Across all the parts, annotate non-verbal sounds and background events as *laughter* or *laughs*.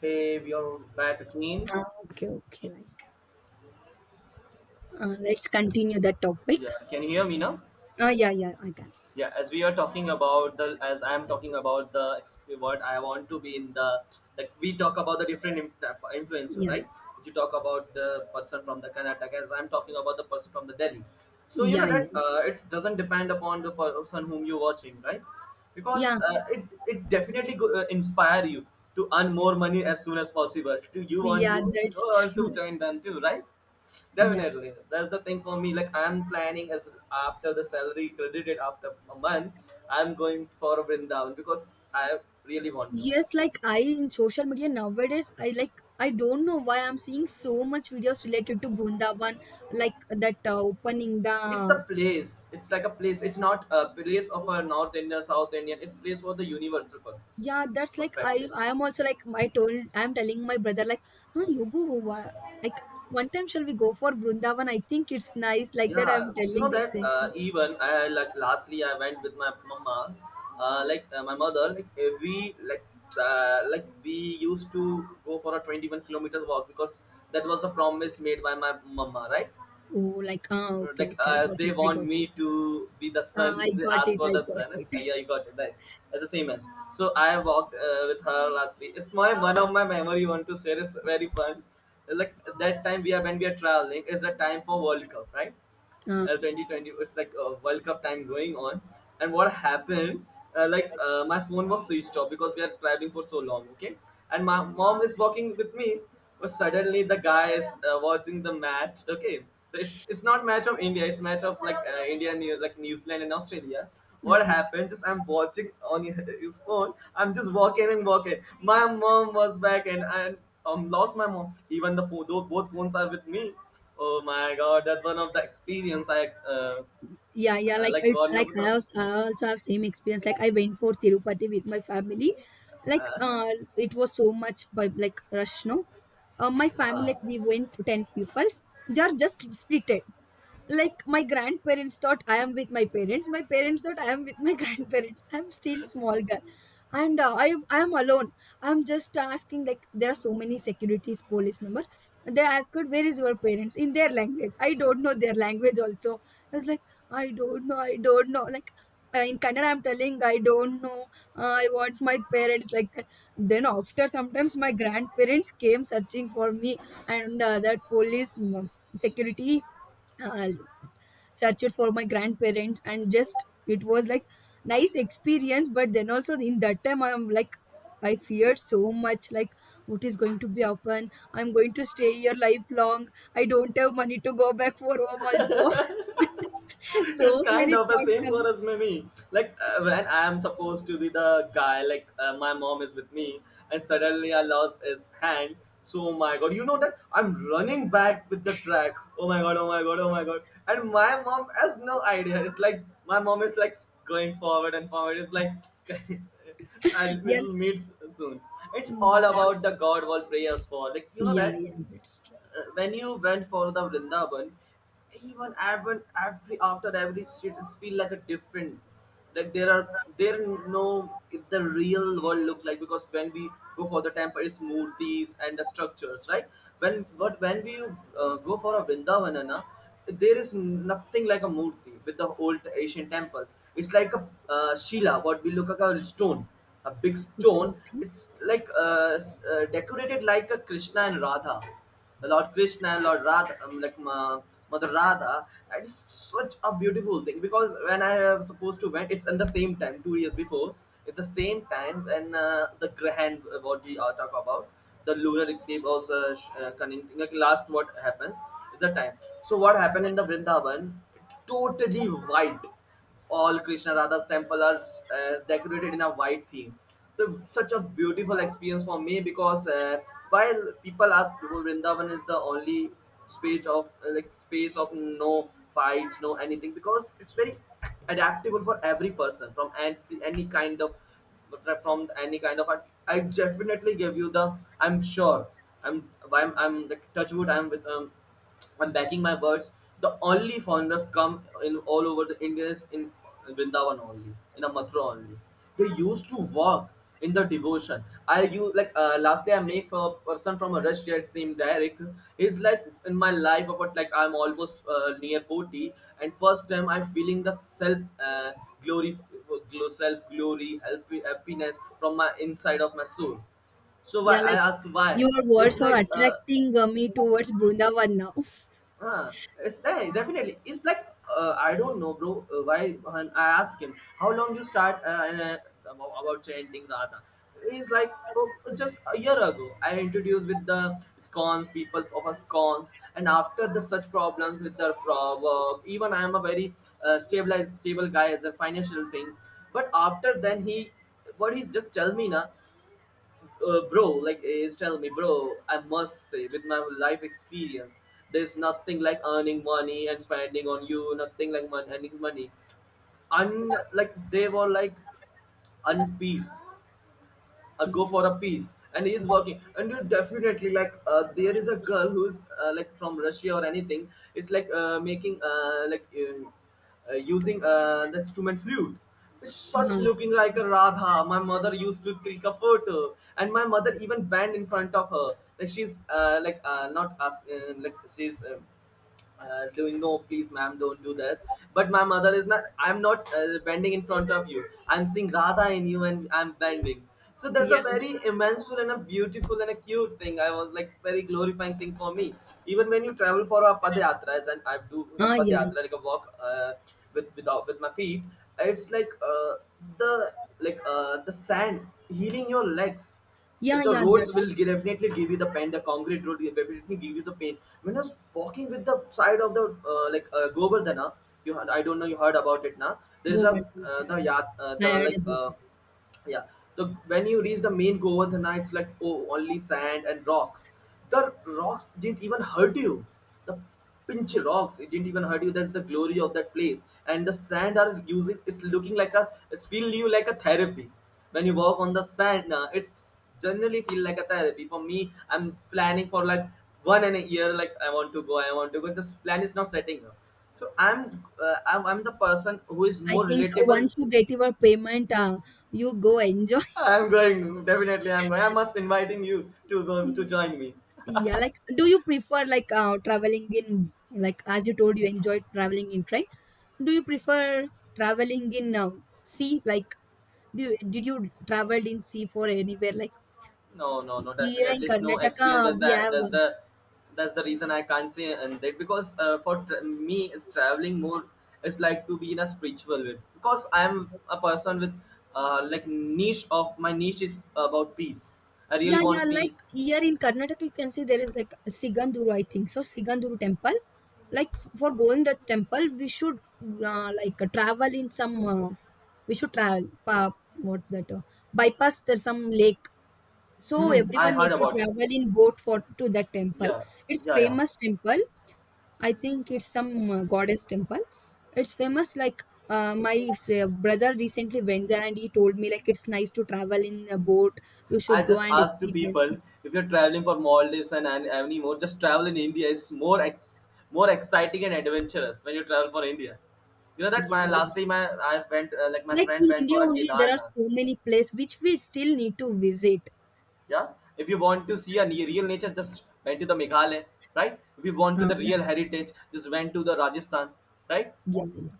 Hey, we are back again. Ah, okay, okay. Let's continue the topic. Yeah, can you hear me now? Yeah, yeah, I can. Yeah, as we are talking about as I am talking about the what I want to be in like we talk about the different influencer, Yeah, right? You talk about the person from the Karnataka, as I'm talking about the person from the Delhi. So you yeah, know yeah, that it doesn't depend upon the person whom you're watching, right? Because yeah, it definitely inspire you to earn more money as soon as possible. Do you want to yeah. That's true. join them too, right? Yeah. Definitely, that's the thing for me. Like I'm planning as after the salary credited after a month, I'm going for a Vrindavan because I really want to. Yes, like I in social media nowadays, I don't know why I'm seeing so much videos related to Brindavan, like that opening It's the the. place. It's like a place. It's not a place of a North Indian, South Indian. It's place for the universal person Yeah, that's like I perspective. I am also like I told I'm telling my brother like, huh, you go wha- like one time shall we go for Brindavan? I think it's nice like that. Yeah, I'm you telling know that recently. even I like lastly I went with my mama, like my mother, like we like we used to go for a 21-kilometer walk because that was a promise made by my mama, right? Oh, like ah, okay, Like okay, I got they it, I want got it. me to be the Ah, son, I they got asked it, for I the got son. It. Yeah, you got it right. It's the same as, so I walked with her lastly. It's my one of my memory want to share, is very fun. Like that time we are, when we are traveling is the time for world cup, right? Ah, 2020, it's like a world cup time going on. And what happened, my phone was switched off because we are traveling for so long, okay? And my mom is walking with me, but suddenly the guy is watching the match, okay? So it's not match of india, it's match of like new zealand and australia. What ah. happens is, I'm watching on his phone. I'm just walking and walking. My mom was back and I lost my mom. Even the phone, though both phones are with me. Oh my god, that's one of the experience I, uh, Yeah, yeah, like like it's one like of the. I also have same experience. Like I went for Tirupati with my family. Like Uh, uh, it was so much by like rush, no. My family like uh-huh. we went to ten peoples. They are just split. Like my grandparents thought I am with my parents, my parents thought I am with my *laughs* grandparents, I'm still small girl, and I am alone. I'm just asking like there are so many securities police members. They asked where is your parents. In their language I don't know, their language also I was like I don't know, I don't know, in Kannada, I'm telling I don't know. I want my parents like that. Then after sometimes my grandparents came searching for me, and that police, security uh, searched for my grandparents, and just it was like nice experience. But then also in that time I'm like I feared so much, like what is going to be happen, I'm going to stay here lifelong, I don't have money to go back for home also. *laughs* *laughs* So It's kind many of the thoughts same for come. us, mimi. Like when I am supposed to be the guy, like my mom is with me and suddenly I lost his hand. So oh my god, you know that I'm running back with the track, oh my god, oh my god, oh my god. And my mom has no idea, it's like my mom is like going forward and forward, it's like *laughs* and Yeah. we'll meet soon. It's all Mm. about the god wall prayers for, like, you know Yeah, that, yeah, that's true. When you went for the Vrindavan, even every after every street, it's feel like a different. Like there are, there no if the real world look like, because when we go for the temple, it's murtis and the structures, right? When, but when we go for a Vrindavan, na, there is nothing like a murti with the old Asian temples. It's like a shila, what we look like a stone, a big Okay, stone. okay. It's like decorated like a Krishna and Radha, Lord Krishna and Lord Radha, like Ma, Mother Radha. And it's such a beautiful thing, because when I was supposed to went, it's in the same time, 2 years before, at the same time when the grand what we are talk about, the lunar eclipse was cunning, like last what happens is the time. So what happened in the Vrindavan? Totally white, all Krishna Radha's temple are decorated in a white theme. So such a beautiful experience for me, because while people ask, "Oh, Vrindavan is the only space of space of no fights, no anything, because it's very adaptable for every person from any kind of, from any kind of art. I definitely give you the, I'm sure, I'm like touch wood, I'm with I'm backing my words. The only foreigners come in all over the India is in Vrindavan only, in a Mathura only. They used to walk in the devotion. I, you like, lastly I make a person from a rest here, named Derek. He's like in my life about, like I'm almost near 40, and first time I'm feeling the self, glory, self glory, happiness from my inside of my soul. So why Yeah, I like ask why? your It's words are like, attracting me towards Brindavan now. *laughs* huh. It's, definitely. It's like I don't know, bro. Why, when I ask him, how long you start about chanting Radha. He's like, oh, it's just a year ago. I introduced with the scones, people of a scones, and after the such problems with the work, even I am a very stable guy as a financial thing. But after then, he, what he's just tell me na, bro, like is tell me, bro, I must say, with my life experience, there's nothing like earning money and spending on you, nothing like earning money. Un, like they were like unpeace, go Yeah. for a piece, and he's working, and you definitely like, there is a girl who's like from russia or anything. It's like making like using the instrument flute. It's such Uh-huh. looking like a radha. My mother used to click a photo, and my mother even banned in front of her, like she's not as, like she's doing, no please ma'am, don't do this. But my mother is not, I'm not bending in front of you, I'm seeing radha in you and I'm bending. So that's Yeah. a very immenseful and a beautiful and a cute thing, I was like very glorifying thing for me. Even when you travel for a padyatra, as and I do a Ah, yeah. padyatra, like a walk, with without with my feet, it's like the, like the sand healing your legs. Yeah, The yeah, roads that's will definitely give you the pain. The concrete road will definitely give you the pain. When I was walking with the side of the Govardhana, you heard, I don't know, you heard about it now. There is a the Govardhan. yat I the heard like about it. yeah the, when you reach the main govardhana, it's like, oh, only sand and rocks. The rocks didn't even hurt you, the pinch rocks, it didn't even hurt you. That's the glory of that place. And the sand are using, it's looking like a, it's feel you like a therapy. When you walk on the sand, it's generally feel like a therapy for me. I'm planning for like one and a year, like I want to go, I want to go, this plan is not setting up. So I'm I'm the person who is I more think relatable. once you get your payment, you go enjoy. I'm going. Definitely, I'm going. I must inviting you to go to *laughs* join me. Yeah, like do you prefer like traveling in, like as you told you enjoy traveling in train? Do you prefer traveling in sea? Like do you, did you traveled in sea for anywhere? Like No, no, no. here in Definitely, it's no experience. Karnataka, That's we have. The reason I can't say and that, because for me, it's traveling more. It's like to be in a spiritual way, because I'm a person with like niche of my niche is about peace. I really Yeah, yeah. want Like peace. here in Karnataka, you can see there is like Siganduru, I think. So Siganduru temple. Like for going the temple, we should like travel in some. We should what that bypass, there's some lake. So Mhm. I everyone need heard to about it. travel in boat for to that temple. Yeah, It's yeah, yeah. famous temple. I think it's some goddess temple. It's famous. Like my brother recently went there and he told me like it's nice to travel in a boat. You I should go just and ask to experience. people, if you're traveling for Maldives and anymore, just travel in India. It's more more exciting and adventurous when you travel for India. You know that Yeah, my yeah. lastly my I went, like my Like friend in went India for a only, there are Kedarnath. so many places which we still need to visit. Yeah, if you want to see a real nature, just went to the Meghalaya, right? If you want to the Um, real heritage, just went to the Rajasthan, right? yeah, yeah.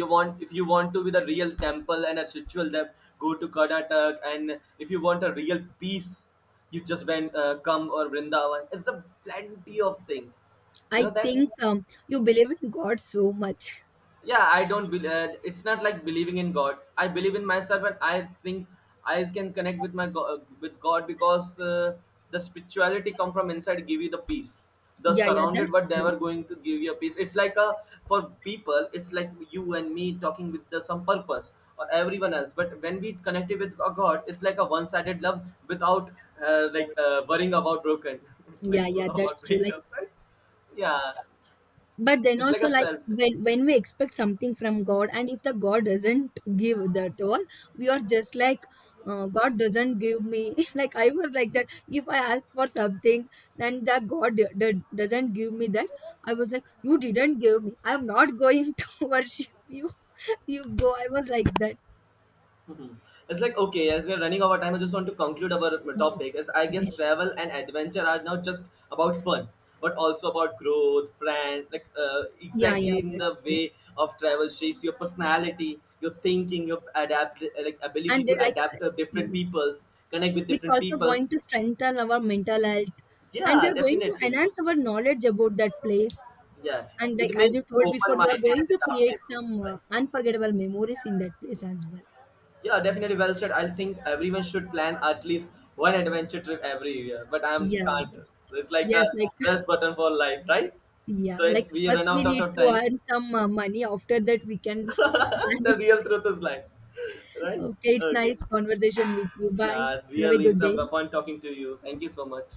You want, if you want to be the real temple and a spiritual depth, go to karnataka. And if you want a real peace, you just went, come or vrindavan, it's a plenty of things. You I know that, think you believe in God so much. yeah, I don't believe, it's not like believing in god, I believe in myself, and I think I can connect with my god, with god, because the spirituality come from inside, give you the peace. The Yeah, yeah, surrounded that's but true. never going to give you a peace, it's like a, for people it's like you and me talking with some purpose or everyone else, but when we connected with a god, it's like a one-sided love without worrying about broken *laughs* like Yeah, yeah, that's about true. Like breakups, right? Yeah, but then it's like also a like self. when we expect something from god, and if the god doesn't give that to us, we are just like, god doesn't give me, *laughs* like I was like that, if I asked for something, then that god doesn't give me that, I was like you didn't give me, I'm not going *laughs* to worship you, *laughs* you go, I was like that. Mhm. It's like, okay, as we're running out of time, I just want to conclude our topic. As I guess Okay. travel and adventure are not just about fun, but also about growth, brand, like Yeah, yeah, exactly in the that's true, way of travel shapes your personality, your thinking, your adapt, like ability and they to like, adapt to different mm, peoples, connect with it's different also peoples. going to strengthen our mental health, and we Yeah, are going to definitely. enhance our knowledge about that place. Yeah, And like it as makes you told before, open we are minded going and to create adaptable. some Right? unforgettable memories in that place Yeah. as well. Yeah, definitely well said. I think everyone should plan at least one adventure trip every year, but I'm Yeah. can't. So it's like a Yes, like *laughs* rest button for life, right? yeah, So like it's we first run we out of need to time. earn some money. After that, we can *laughs* plan *laughs* The it. real truth is life, *laughs* right? Okay, it's Okay. nice conversation with you. Bye. Yeah, Have a really, good it's a day. fun talking to you. Thank you so much.